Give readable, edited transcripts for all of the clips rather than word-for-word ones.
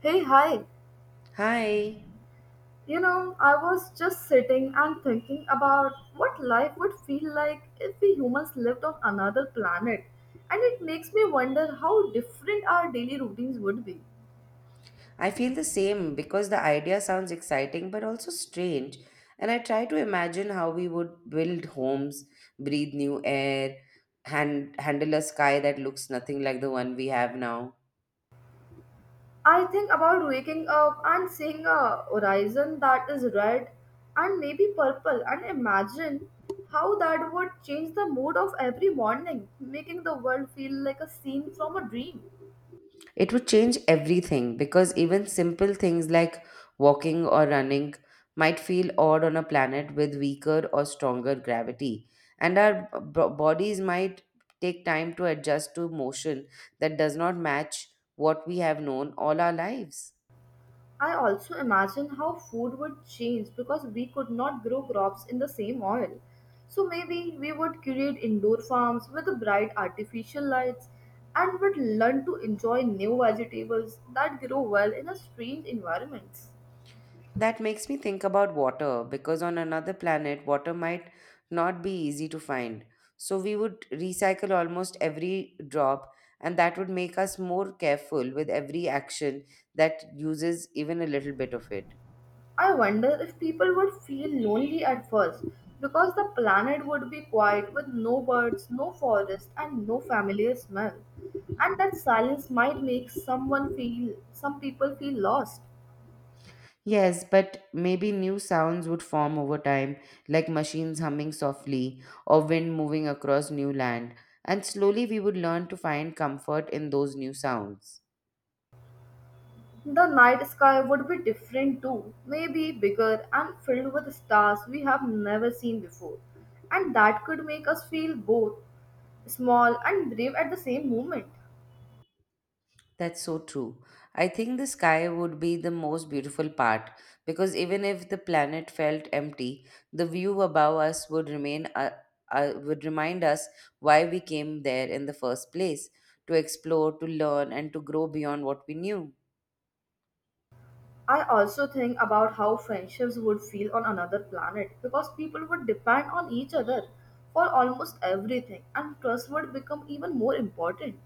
Hey, hi. Hi, You know, I was just sitting and thinking about what life would feel like if we humans lived on another planet. And it makes me wonder how different our daily routines would be. I feel the same because the idea sounds exciting but also strange. And I try to imagine how we would build homes, breathe new air, handle a sky that looks nothing like the one we have now. I think about waking up and seeing a horizon that is red and maybe purple and imagine how that would change the mood of every morning, making the world feel like a scene from a dream. It would change everything because even simple things like walking or running might feel odd on a planet with weaker or stronger gravity, and our bodies might take time to adjust to motion that does not match what we have known all our lives. I also imagine how food would change because we could not grow crops in the same soil. So maybe we would create indoor farms with bright artificial lights and would learn to enjoy new vegetables that grow well in a strange environments. That makes me think about water because on another planet, water might not be easy to find. So we would recycle almost every drop, and that would make us more careful with every action that uses even a little bit of it. I wonder if people would feel lonely at first because the planet would be quiet with no birds, no forest and no familiar smell. And that silence might make someone feel some people feel lost. Yes, but maybe new sounds would form over time, like machines humming softly or wind moving across new land, and slowly we would learn to find comfort in those new sounds. The night sky would be different too, maybe bigger and filled with stars we have never seen before. And that could make us feel both small and brave at the same moment. That's so true. I think the sky would be the most beautiful part because even if the planet felt empty, the view above us would remind us why we came there in the first place, to explore, to learn and to grow beyond what we knew. I also think about how friendships would feel on another planet because people would depend on each other for almost everything and trust would become even more important.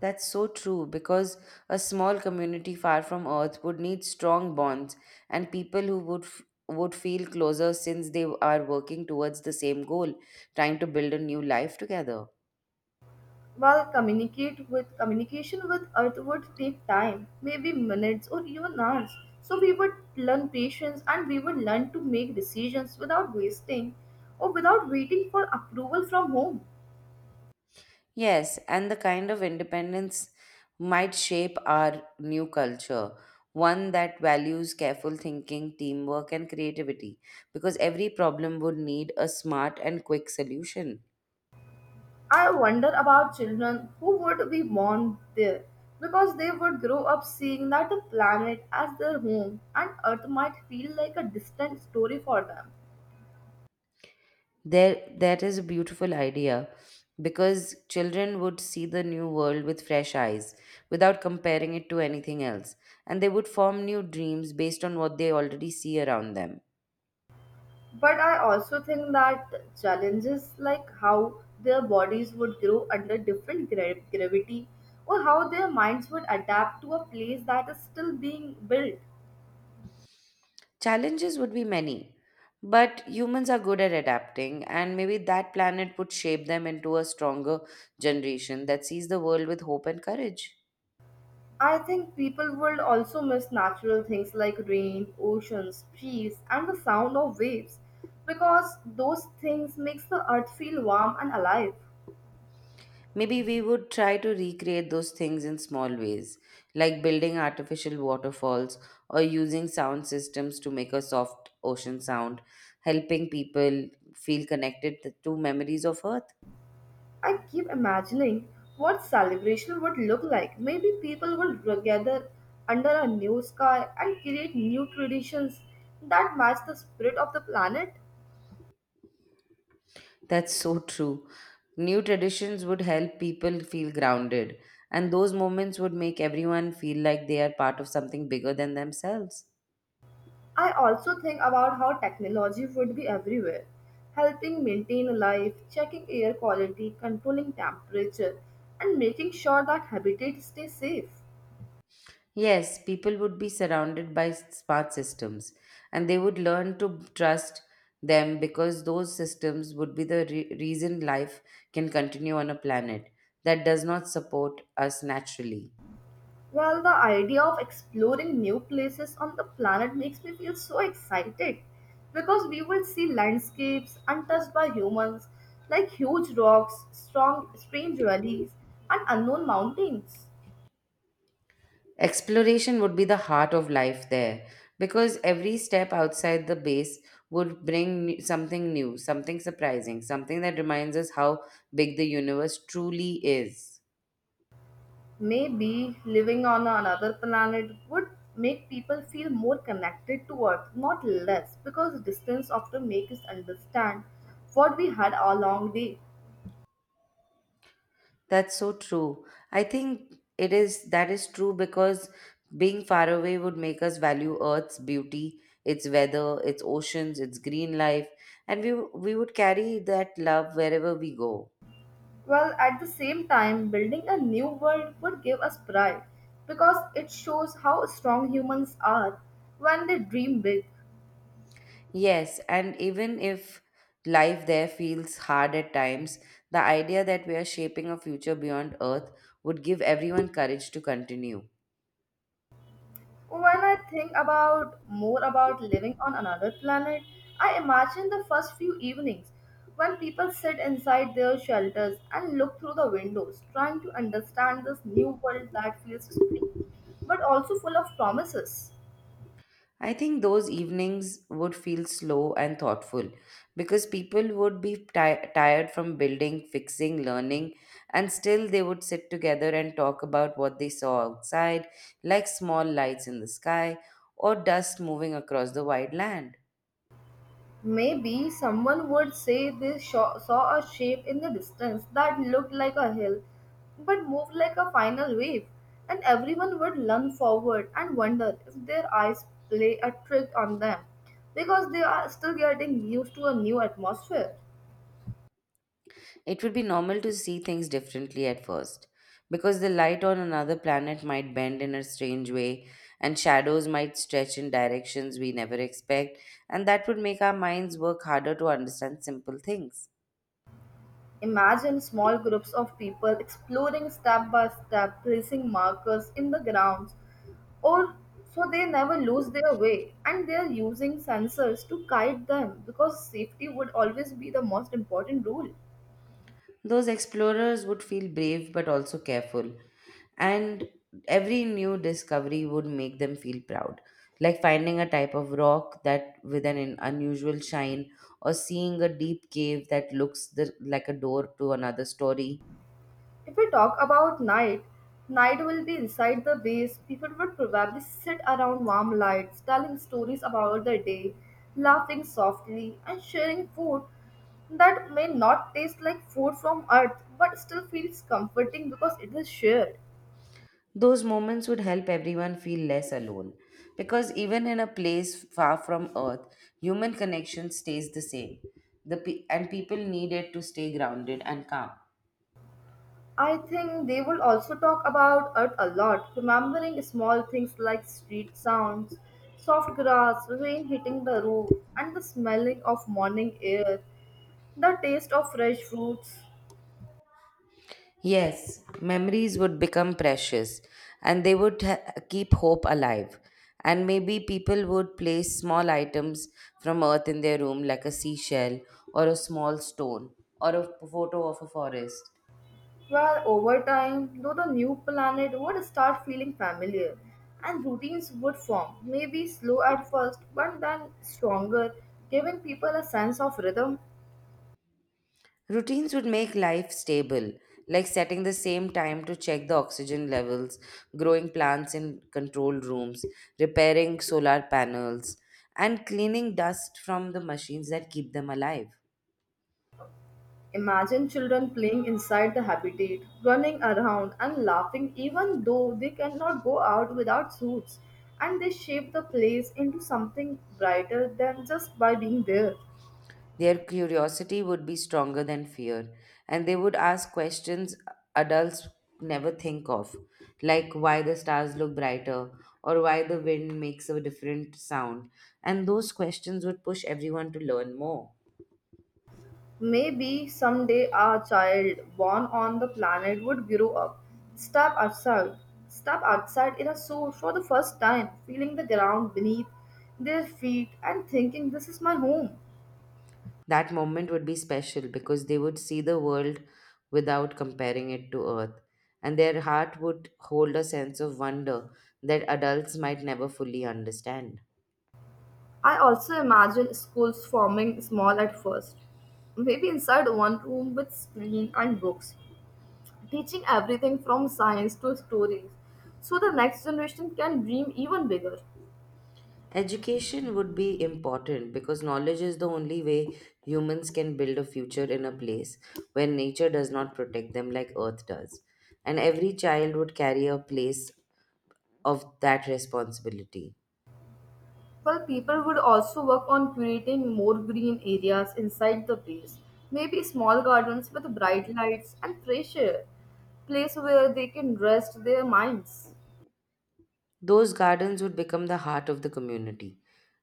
That's so true because a small community far from earth would need strong bonds and people who would feel closer since they are working towards the same goal, trying to build a new life together. While communicate with communication with Earth would take time, maybe minutes or even hours. So we would learn patience and we would learn to make decisions without wasting or without waiting for approval from home. Yes, and the kind of independence might shape our new culture, one that values careful thinking, teamwork, and creativity, because every problem would need a smart and quick solution. I wonder about children who would be born there because they would grow up seeing that the planet as their home and Earth might feel like a distant story for them. There, that is a beautiful idea because children would see the new world with fresh eyes without comparing it to anything else, and they would form new dreams based on what they already see around them. But I also think that challenges like how their bodies would grow under gravity or how their minds would adapt to a place that is still being built. Challenges would be many, but humans are good at adapting, and maybe that planet would shape them into a stronger generation that sees the world with hope and courage. I think people would also miss natural things like rain, oceans, trees, and the sound of waves because those things makes the earth feel warm and alive. Maybe we would try to recreate those things in small ways, like building artificial waterfalls or using sound systems to make a soft ocean sound, helping people feel connected to memories of Earth. I keep imagining what celebration would look like. Maybe people would gather under a new sky and create new traditions that match the spirit of the planet. That's so true. New traditions would help people feel grounded, and those moments would make everyone feel like they are part of something bigger than themselves. I also think about how technology would be everywhere, helping maintain life, checking air quality, controlling temperature, and making sure that habitat stays safe. Yes, people would be surrounded by smart systems, and they would learn to trust them because those systems would be the reason life can continue on a planet that does not support us naturally. Well, the idea of exploring new places on the planet makes me feel so excited because we will see landscapes untouched by humans, like huge rocks, strange valleys, and unknown mountains. Exploration would be the heart of life there because every step outside the base would bring something new, something surprising, something that reminds us how big the universe truly is. Maybe living on another planet would make people feel more connected to Earth, not less, because distance often makes us understand what we had all along the way. That's so true. I think it is that is true because being far away would make us value Earth's beauty, its weather, its oceans, its green life, and we would carry that love wherever we go. Well, at the same time, building a new world would give us pride because it shows how strong humans are when they dream big. Yes, and even if life there feels hard at times, the idea that we are shaping a future beyond Earth would give everyone courage to continue. When I think about more about living on another planet, I imagine the first few evenings when people sit inside their shelters and look through the windows, trying to understand this new world that feels strange but also full of promises. I think those evenings would feel slow and thoughtful because people would be tired from building, fixing, learning, and still they would sit together and talk about what they saw outside, like small lights in the sky or dust moving across the wide land. Maybe someone would say saw a shape in the distance that looked like a hill but moved like a final wave, and everyone would run forward and wonder if their eyes play a trick on them because they are still getting used to a new atmosphere. It would be normal to see things differently at first, because the light on another planet might bend in a strange way, and shadows might stretch in directions we never expect, and that would make our minds work harder to understand simple things. Imagine small groups of people exploring step by step, placing markers in the grounds, or so they never lose their way. And they are using sensors to guide them because safety would always be the most important rule. Those explorers would feel brave but also careful, and every new discovery would make them feel proud. Like finding a type of rock that with an unusual shine, or seeing a deep cave that like a door to another story. If we talk about night, night will be inside the base. People would probably sit around warm lights, telling stories about the day, laughing softly, and sharing food that may not taste like food from earth but still feels comforting because it is shared. Those moments would help everyone feel less alone. Because even in a place far from Earth, human connection stays the same. And people need it to stay grounded and calm. I think they will also talk about earth a lot, remembering small things like street sounds, soft grass, rain hitting the roof, and the smelling of morning air, the taste of fresh fruits. Yes, memories would become precious and keep hope alive. And maybe people would place small items from earth in their room, like a seashell or a small stone or a photo of a forest. Well, over time, though the new planet would start feeling familiar and routines would form, maybe slow at first, but then stronger, giving people a sense of rhythm. Routines would make life stable, like setting the same time to check the oxygen levels, growing plants in controlled rooms, repairing solar panels, and cleaning dust from the machines that keep them alive. Imagine children playing inside the habitat, running around and laughing even though they cannot go out without suits, and they shape the place into something brighter than just by being there. Their curiosity would be stronger than fear, and they would ask questions adults never think of, like why the stars look brighter or why the wind makes a different sound. And those questions would push everyone to learn more. Maybe someday our child born on the planet would grow up, step outside, step outside in a suit for the first time, feeling the ground beneath their feet and thinking this is my home. That moment would be special because they would see the world without comparing it to Earth, and their heart would hold a sense of wonder that adults might never fully understand. I also imagine schools forming small at first, maybe inside one room with screen and books, teaching everything from science to stories, so the next generation can dream even bigger. Education would be important because knowledge is the only way humans can build a future in a place where nature does not protect them like Earth does. And every child would carry a place of that responsibility. Well, people would also work on creating more green areas inside the place, maybe small gardens with bright lights and fresh air, place where they can rest their minds. Those gardens would become the heart of the community,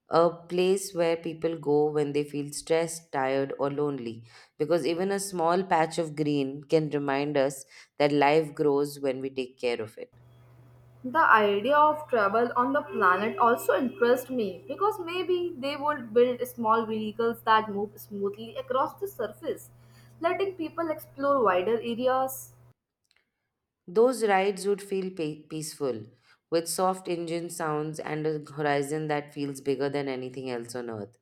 a place where people go when they feel stressed, tired, or lonely, because even a small patch of green can remind us that life grows when we take care of it. The idea of travel on the planet also interests me because maybe they would build small vehicles that move smoothly across the surface, letting people explore wider areas. Those rides would feel peaceful, with soft engine sounds and a horizon that feels bigger than anything else on earth.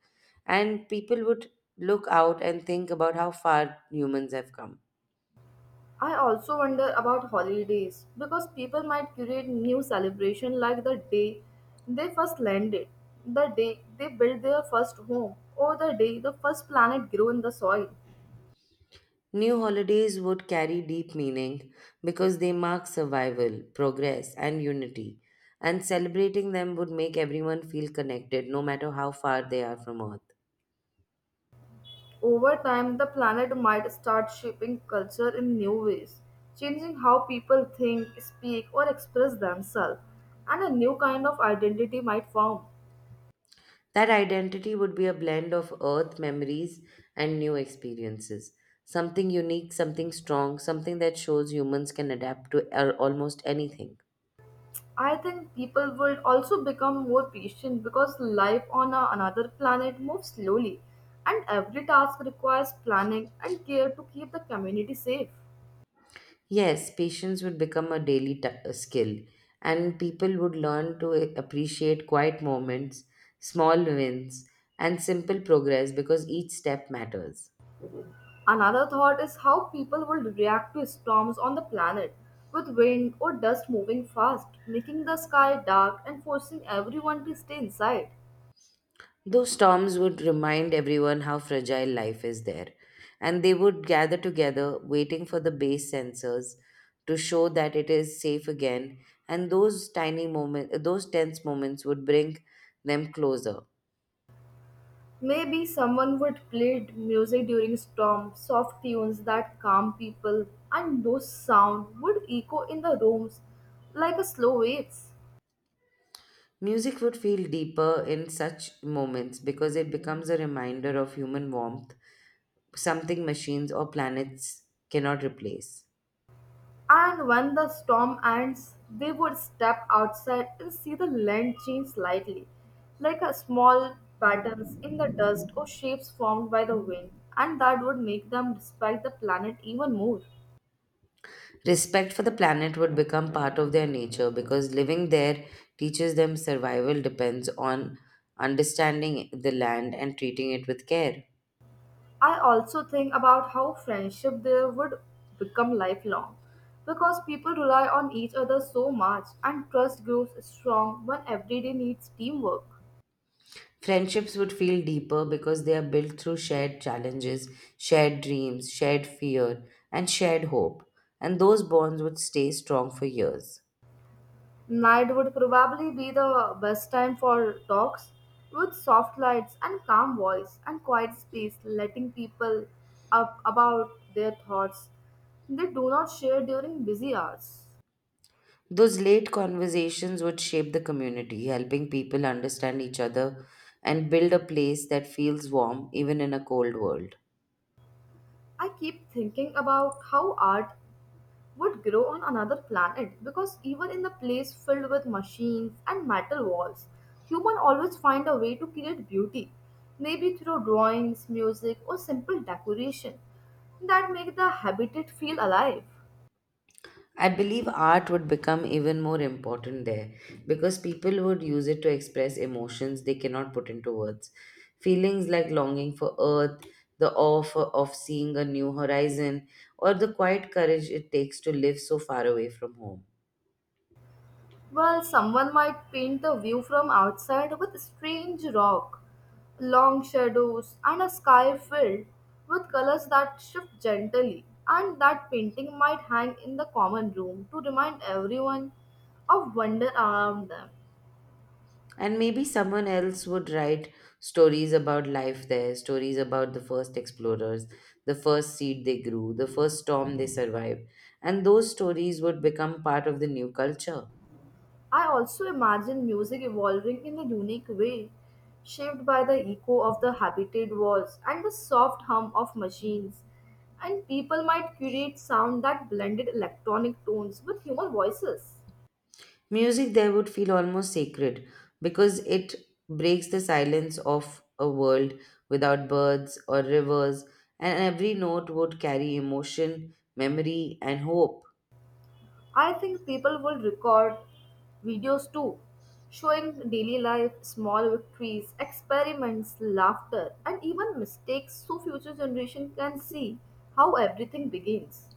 And people would look out and think about how far humans have come. I also wonder about holidays because people might create new celebration like the day they first landed, the day they built their first home, or the day the first planet grew in the soil. New holidays would carry deep meaning because they mark survival, progress, and unity, and celebrating them would make everyone feel connected no matter how far they are from Earth. Over time, the planet might start shaping culture in new ways, changing how people think, speak, or express themselves, and a new kind of identity might form. That identity would be a blend of Earth memories and new experiences something unique, something strong, something that shows humans can adapt to almost anything. I think people would also become more patient because life on another planet moves slowly, and every task requires planning and care to keep the community safe. Yes, patience would become a a skill, and people would learn to appreciate quiet moments, small wins, and simple progress because each step matters. Another thought is how people will react to storms on the planet, with wind or dust moving fast, making the sky dark and forcing everyone to stay inside. Those storms would remind everyone how fragile life is there, and they would gather together, waiting for the base sensors to show that it is safe again. And those tiny moments, those tense moments, would bring them closer. Maybe someone would music during storm, soft tunes that calm people, and those sound would echo in the rooms like a slow waves. Music would feel deeper in such moments because it becomes a reminder of human warmth, something machines or planets cannot replace. And when the storm ends, they would step outside and see the land change slightly, like a small patterns in the dust or shapes formed by the wind, and that would make them respect the planet even more. Respect for the planet would become part of their nature because living there teaches them survival depends on understanding the land and treating it with care. I also think about how friendship there would become lifelong because people rely on each other so much and trust grows strong when everyday needs teamwork. Friendships would feel deeper because they are built through shared challenges, shared dreams, shared fear, and shared hope, and those bonds would stay strong for years. Night would probably be the best time for talks with soft lights and calm voice and quiet space letting people up about their thoughts they do not share during busy hours. Those late conversations would shape the community, helping people understand each other and build a place that feels warm even in a cold world. I keep thinking about how art would grow on another planet because even in the place filled with machines and metal walls, humans always find a way to create beauty, maybe through drawings, music, or simple decoration that make the habitat feel alive. I believe art would become even more important there because people would use it to express emotions they cannot put into words. Feelings like longing for earth, of seeing a new horizon, or the quiet courage it takes to live so far away from home. Well, someone might paint the view from outside with strange rock, long shadows, and a sky filled with colors that shift gently. And that painting might hang in the common room to remind everyone of wonder around them. And maybe someone else would write stories about life there, stories about the first explorers, the first seed they grew, the first storm they survived. And those stories would become part of the new culture. I also imagine music evolving in a unique way, shaped by the echo of the habitat walls and the soft hum of machines. And people might create sound that blended electronic tones with human voices. Music there would feel almost sacred because it breaks the silence of a world without birds or rivers, and every note would carry emotion, memory, and hope. I think people will record videos too, showing daily life, small victories, experiments, laughter, and even mistakes so future generation can see how everything begins.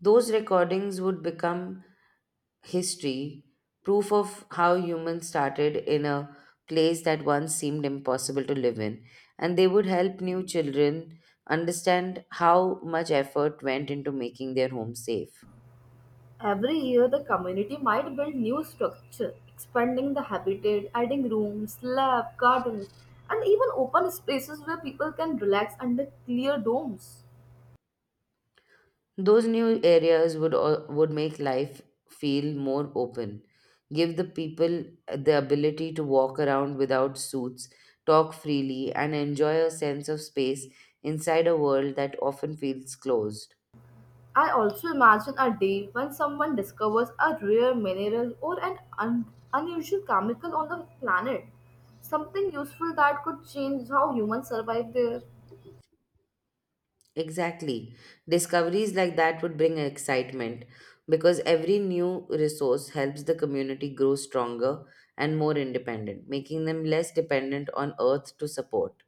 Those recordings would become history, proof of how humans started in a place that once seemed impossible to live in. And they would help new children understand how much effort went into making their home safe. Every year, the community might build new structure, expanding the habitat, adding rooms, lab, gardens, and even open spaces where people can relax under clear domes. Those new areas would make life feel more open, give the people the ability to walk around without suits, talk freely, and enjoy a sense of space inside a world that often feels closed. I also imagine a day when someone discovers a rare mineral or unusual chemical on the planet, something useful that could change how humans survive there. Exactly. Discoveries like that would bring excitement because every new resource helps the community grow stronger and more independent, making them less dependent on Earth to support.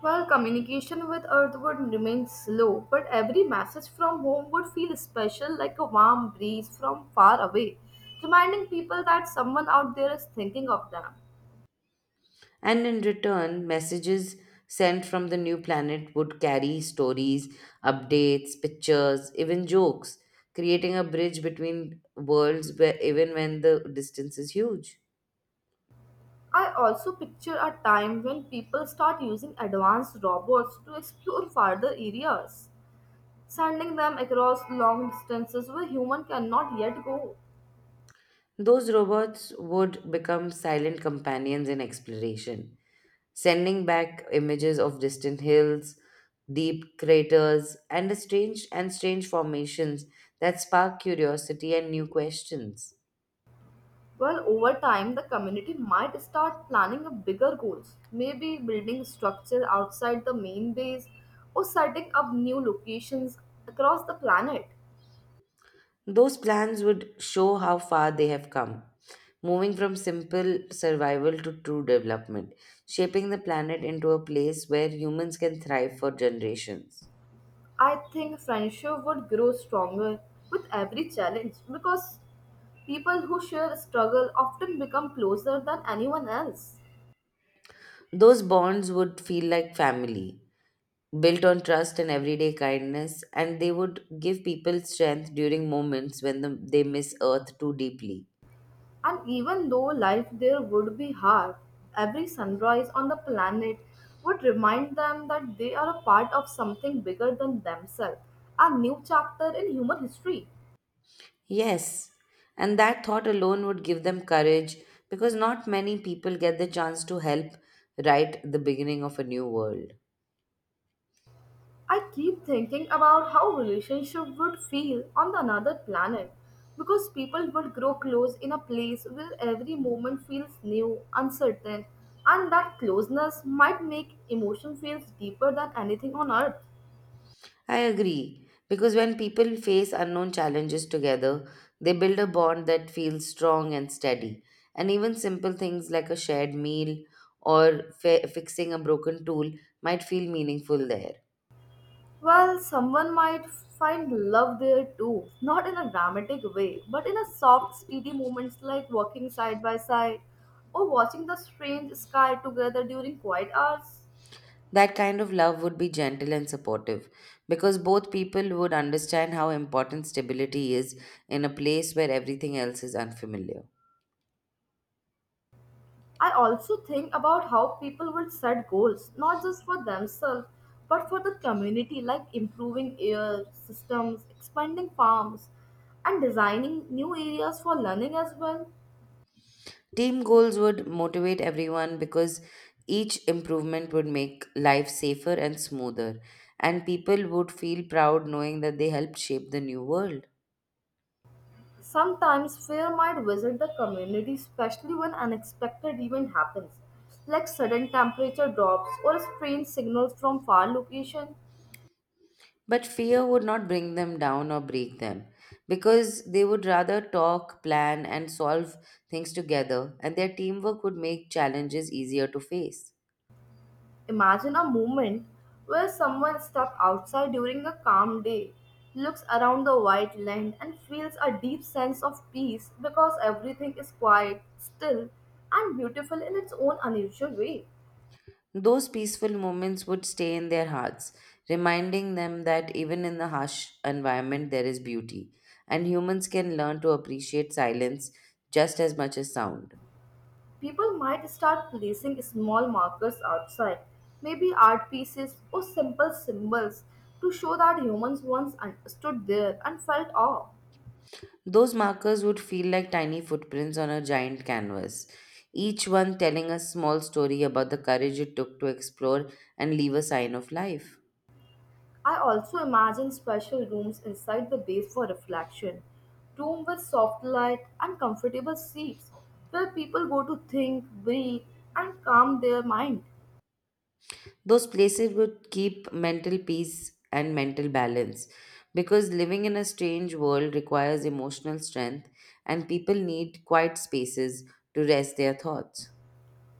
While communication with Earth would remain slow, but every message from home would feel special like a warm breeze from far away, reminding people that someone out there is thinking of them. And in return, messages sent from the new planet would carry stories, updates, pictures, even jokes, creating a bridge between worlds where even when the distance is huge. I also picture a time when people start using advanced robots to explore farther areas, sending them across long distances where human cannot yet go. Those robots would become silent companions in exploration, sending back images of distant hills, deep craters, and the strange formations that spark curiosity and new questions. Well, over time, the community might start planning a bigger goals, maybe building structure outside the main base or setting up new locations across the planet. Those plans would show how far they have come, moving from simple survival to true development, shaping the planet into a place where humans can thrive for generations. I think friendship would grow stronger with every challenge because people who share struggle often become closer than anyone else. Those bonds would feel like family, built on trust and everyday kindness, and they would give people strength during moments when they miss Earth too deeply. And even though life there would be hard, every sunrise on the planet would remind them that they are a part of something bigger than themselves, a new chapter in human history. Yes, and that thought alone would give them courage because not many people get the chance to help right the beginning of a new world. I keep thinking about how relationship would feel on the another planet because people would grow close in a place where every moment feels new, uncertain, and that closeness might make emotion feels deeper than anything on earth. I agree, because when people face unknown challenges together, they build a bond that feels strong and steady. And even simple things like a shared meal or fixing a broken tool might feel meaningful there. Well, someone might find love there too, not in a dramatic way, but in a soft, steady moments like walking side by side or watching the strange sky together during quiet hours. That kind of love would be gentle and supportive because both people would understand how important stability is in a place where everything else is unfamiliar. I also think about how people will set goals, not just for themselves, but for the community, like improving air systems, expanding farms, and designing new areas for learning as well. Team goals would motivate everyone because each improvement would make life safer and smoother, and people would feel proud knowing that they helped shape the new world. Sometimes fear might visit the community, especially when unexpected event happens, like sudden temperature drops or strange signals from far location. But fear would not bring them down or break them because they would rather talk, plan, and solve things together, and their teamwork would make challenges easier to face. Imagine a moment where someone steps outside during a calm day, looks around the white land and feels a deep sense of peace because everything is quiet, still, and beautiful in its own unusual way. Those peaceful moments would stay in their hearts, reminding them that even in the harsh environment, there is beauty, and humans can learn to appreciate silence just as much as sound. People might start placing small markers outside, maybe art pieces or simple symbols to show that humans once stood there and felt awe. Those markers would feel like tiny footprints on a giant canvas, each one telling a small story about the courage it took to explore and leave a sign of life. I also imagine special rooms inside the base for reflection, room with soft light and comfortable seats where people go to think, breathe and calm their mind. Those places would keep mental peace and mental balance because living in a strange world requires emotional strength and people need quiet spaces to rest their thoughts.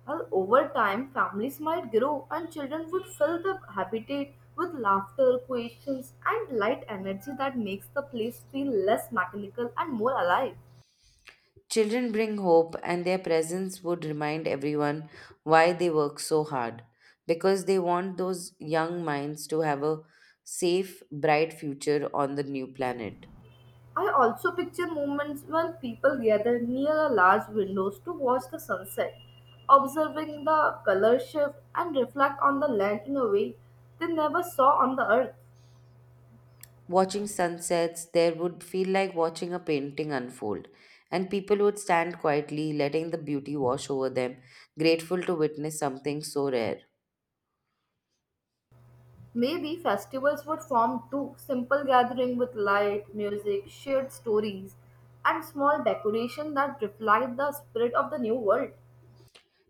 Over time, families might grow and children would fill the habitat with laughter, questions, and light energy that makes the place feel less mechanical and more alive. Children bring hope, and their presence would remind everyone why they work so hard. Because they want those young minds to have a safe, bright future on the new planet. I also picture moments when people gather near a large windows to watch the sunset, observing the color shift and reflect on the land in a way they never saw on the earth. Watching sunsets, there would feel like watching a painting unfold, and people would stand quietly, letting the beauty wash over them, grateful to witness something so rare. Maybe festivals would form too simple gathering with light, music, shared stories, and small decoration that reflect the spirit of the new world.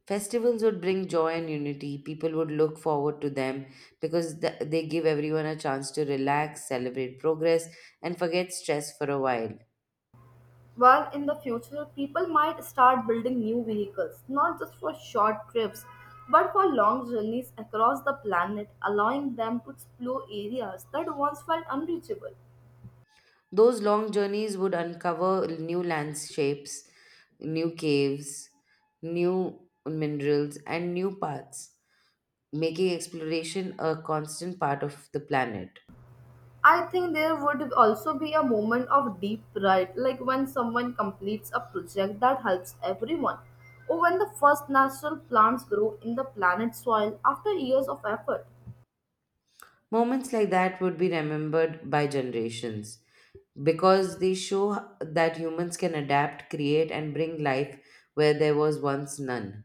Festivals would bring joy and unity. People would look forward to them because they give everyone a chance to relax, celebrate progress, and forget stress for a while. While in the future, people might start building new vehicles, not just for short trips, but for long journeys across the planet, allowing them to explore areas that once felt unreachable. Those long journeys would uncover new landscapes, new caves, new minerals, and new paths, making exploration a constant part of the planet. I think there would also be a moment of deep pride, like when someone completes a project that helps everyone, or when the first natural plants grow in the planet's soil after years of effort. Moments like that would be remembered by generations because they show that humans can adapt, create, and bring life where there was once none.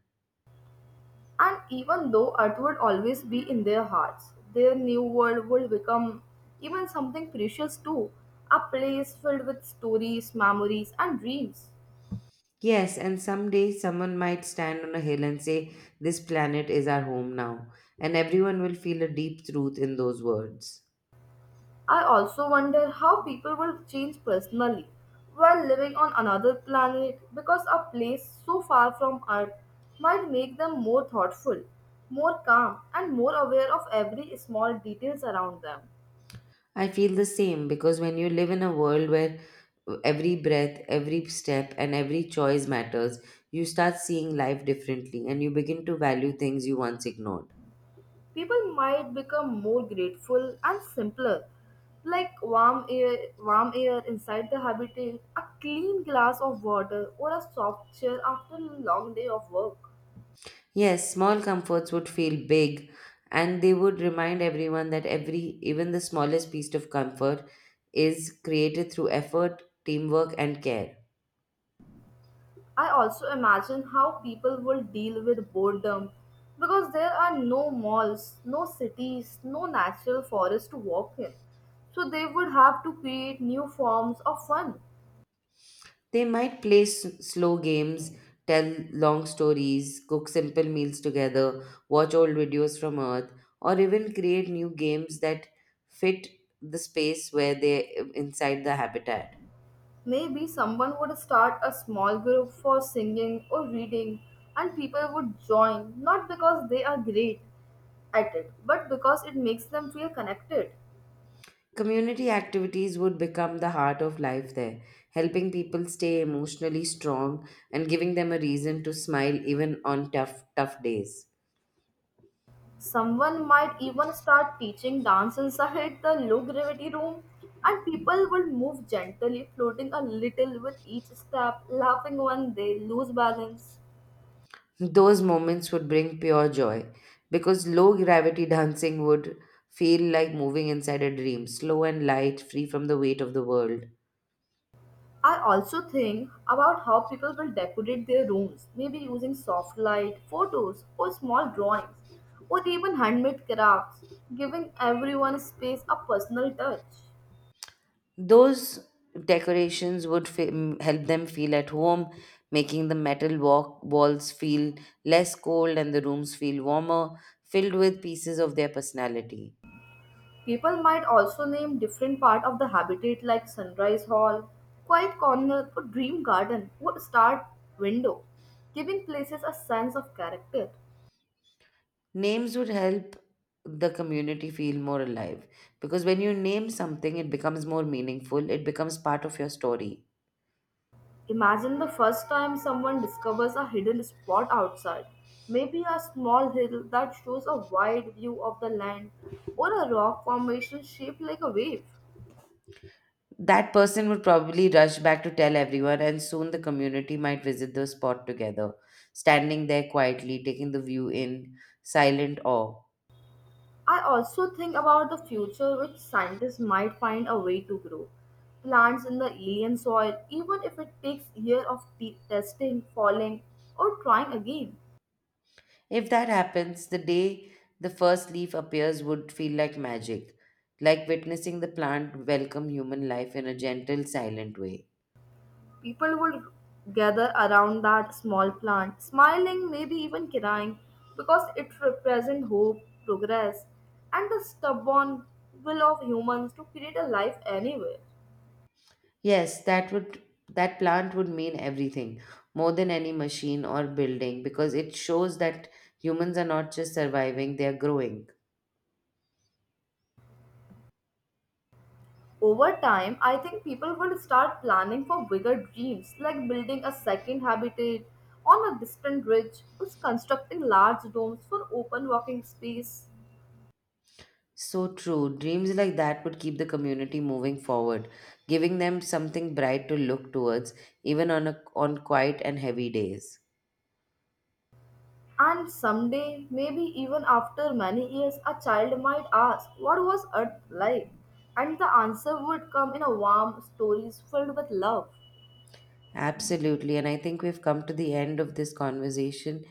And even though Earth would always be in their hearts, their new world would become even something precious too, a place filled with stories, memories, and dreams. Yes, and someday someone might stand on a hill and say, "This planet is our home now." And everyone will feel a deep truth in those words. I also wonder how people will change personally while living on another planet because a place so far from Earth might make them more thoughtful, more calm, and more aware of every small details around them. I feel the same because when you live in a world where every breath, every step, and every choice matters, you start seeing life differently and you begin to value things you once ignored. People might become more grateful and simpler, like warm air inside the habitat, a clean glass of water, or a soft chair after a long day of work. Yes, small comforts would feel big, and they would remind everyone that every, even the smallest piece of comfort, is created through effort, teamwork, and care. I also imagine how people will deal with boredom because there are no malls, no cities, no natural forests to walk in. So they would have to create new forms of fun. They might play slow games, tell long stories, cook simple meals together, watch old videos from Earth, or even create new games that fit the space where they inside the habitat. Maybe someone would start a small group for singing or reading, and people would join not because they are great at it, but because it makes them feel connected. Community activities would become the heart of life there, helping people stay emotionally strong and giving them a reason to smile even on tough days. Someone might even start teaching dance inside the low gravity room, and people would move gently, floating a little with each step, laughing when they lose balance. Those moments would bring pure joy because low gravity dancing would feel like moving inside a dream, slow and light, free from the weight of the world. I also think about how people will decorate their rooms, maybe using soft light, photos, or small drawings, or even handmade crafts, giving everyone space a personal touch. Those decorations would help them feel at home, making the metal walls feel less cold and the rooms feel warmer, filled with pieces of their personality. People might also name different part of the habitat like Sunrise Hall, Quiet Corner, or Dream Garden, or Start Window, giving places a sense of character. Names would help the community feel more alive because when you name something, it becomes more meaningful, it becomes part of your story. Imagine the first time someone discovers a hidden spot outside, maybe a small hill that shows a wide view of the land, or a rock formation shaped like a wave. That person would probably rush back to tell everyone, and soon the community might visit the spot together, standing there quietly, taking the view in silent awe. I also think about the future which scientists might find a way to grow plants in the alien soil, even if it takes years of testing, falling, or trying again. If that happens, the day the first leaf appears would feel like magic, like witnessing the plant welcome human life in a gentle, silent way. People would gather around that small plant, smiling, maybe even crying, because it represents hope, progress, and the stubborn will of humans to create a life anywhere. Yes, that plant would mean everything, more than any machine or building, because it shows that humans are not just surviving, they are growing. Over time, I think people will start planning for bigger dreams like building a second habitat on a distant ridge or constructing large domes for open walking space. So true. Dreams like that would keep the community moving forward, giving them something bright to look towards, even on quiet and heavy days. And someday, maybe even after many years, a child might ask, "What was Earth like?" And the answer would come in a warm stories filled with love. Absolutely. And I think we've come to the end of this conversation.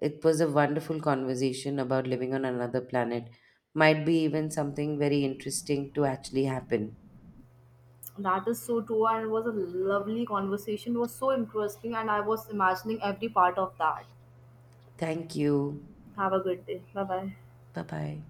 It was a wonderful conversation about living on another planet. Might be even something very interesting to actually happen. That is so true, and it was a lovely conversation. It was so interesting, and I was imagining every part of that. Thank you. Have a good day. Bye bye. Bye bye.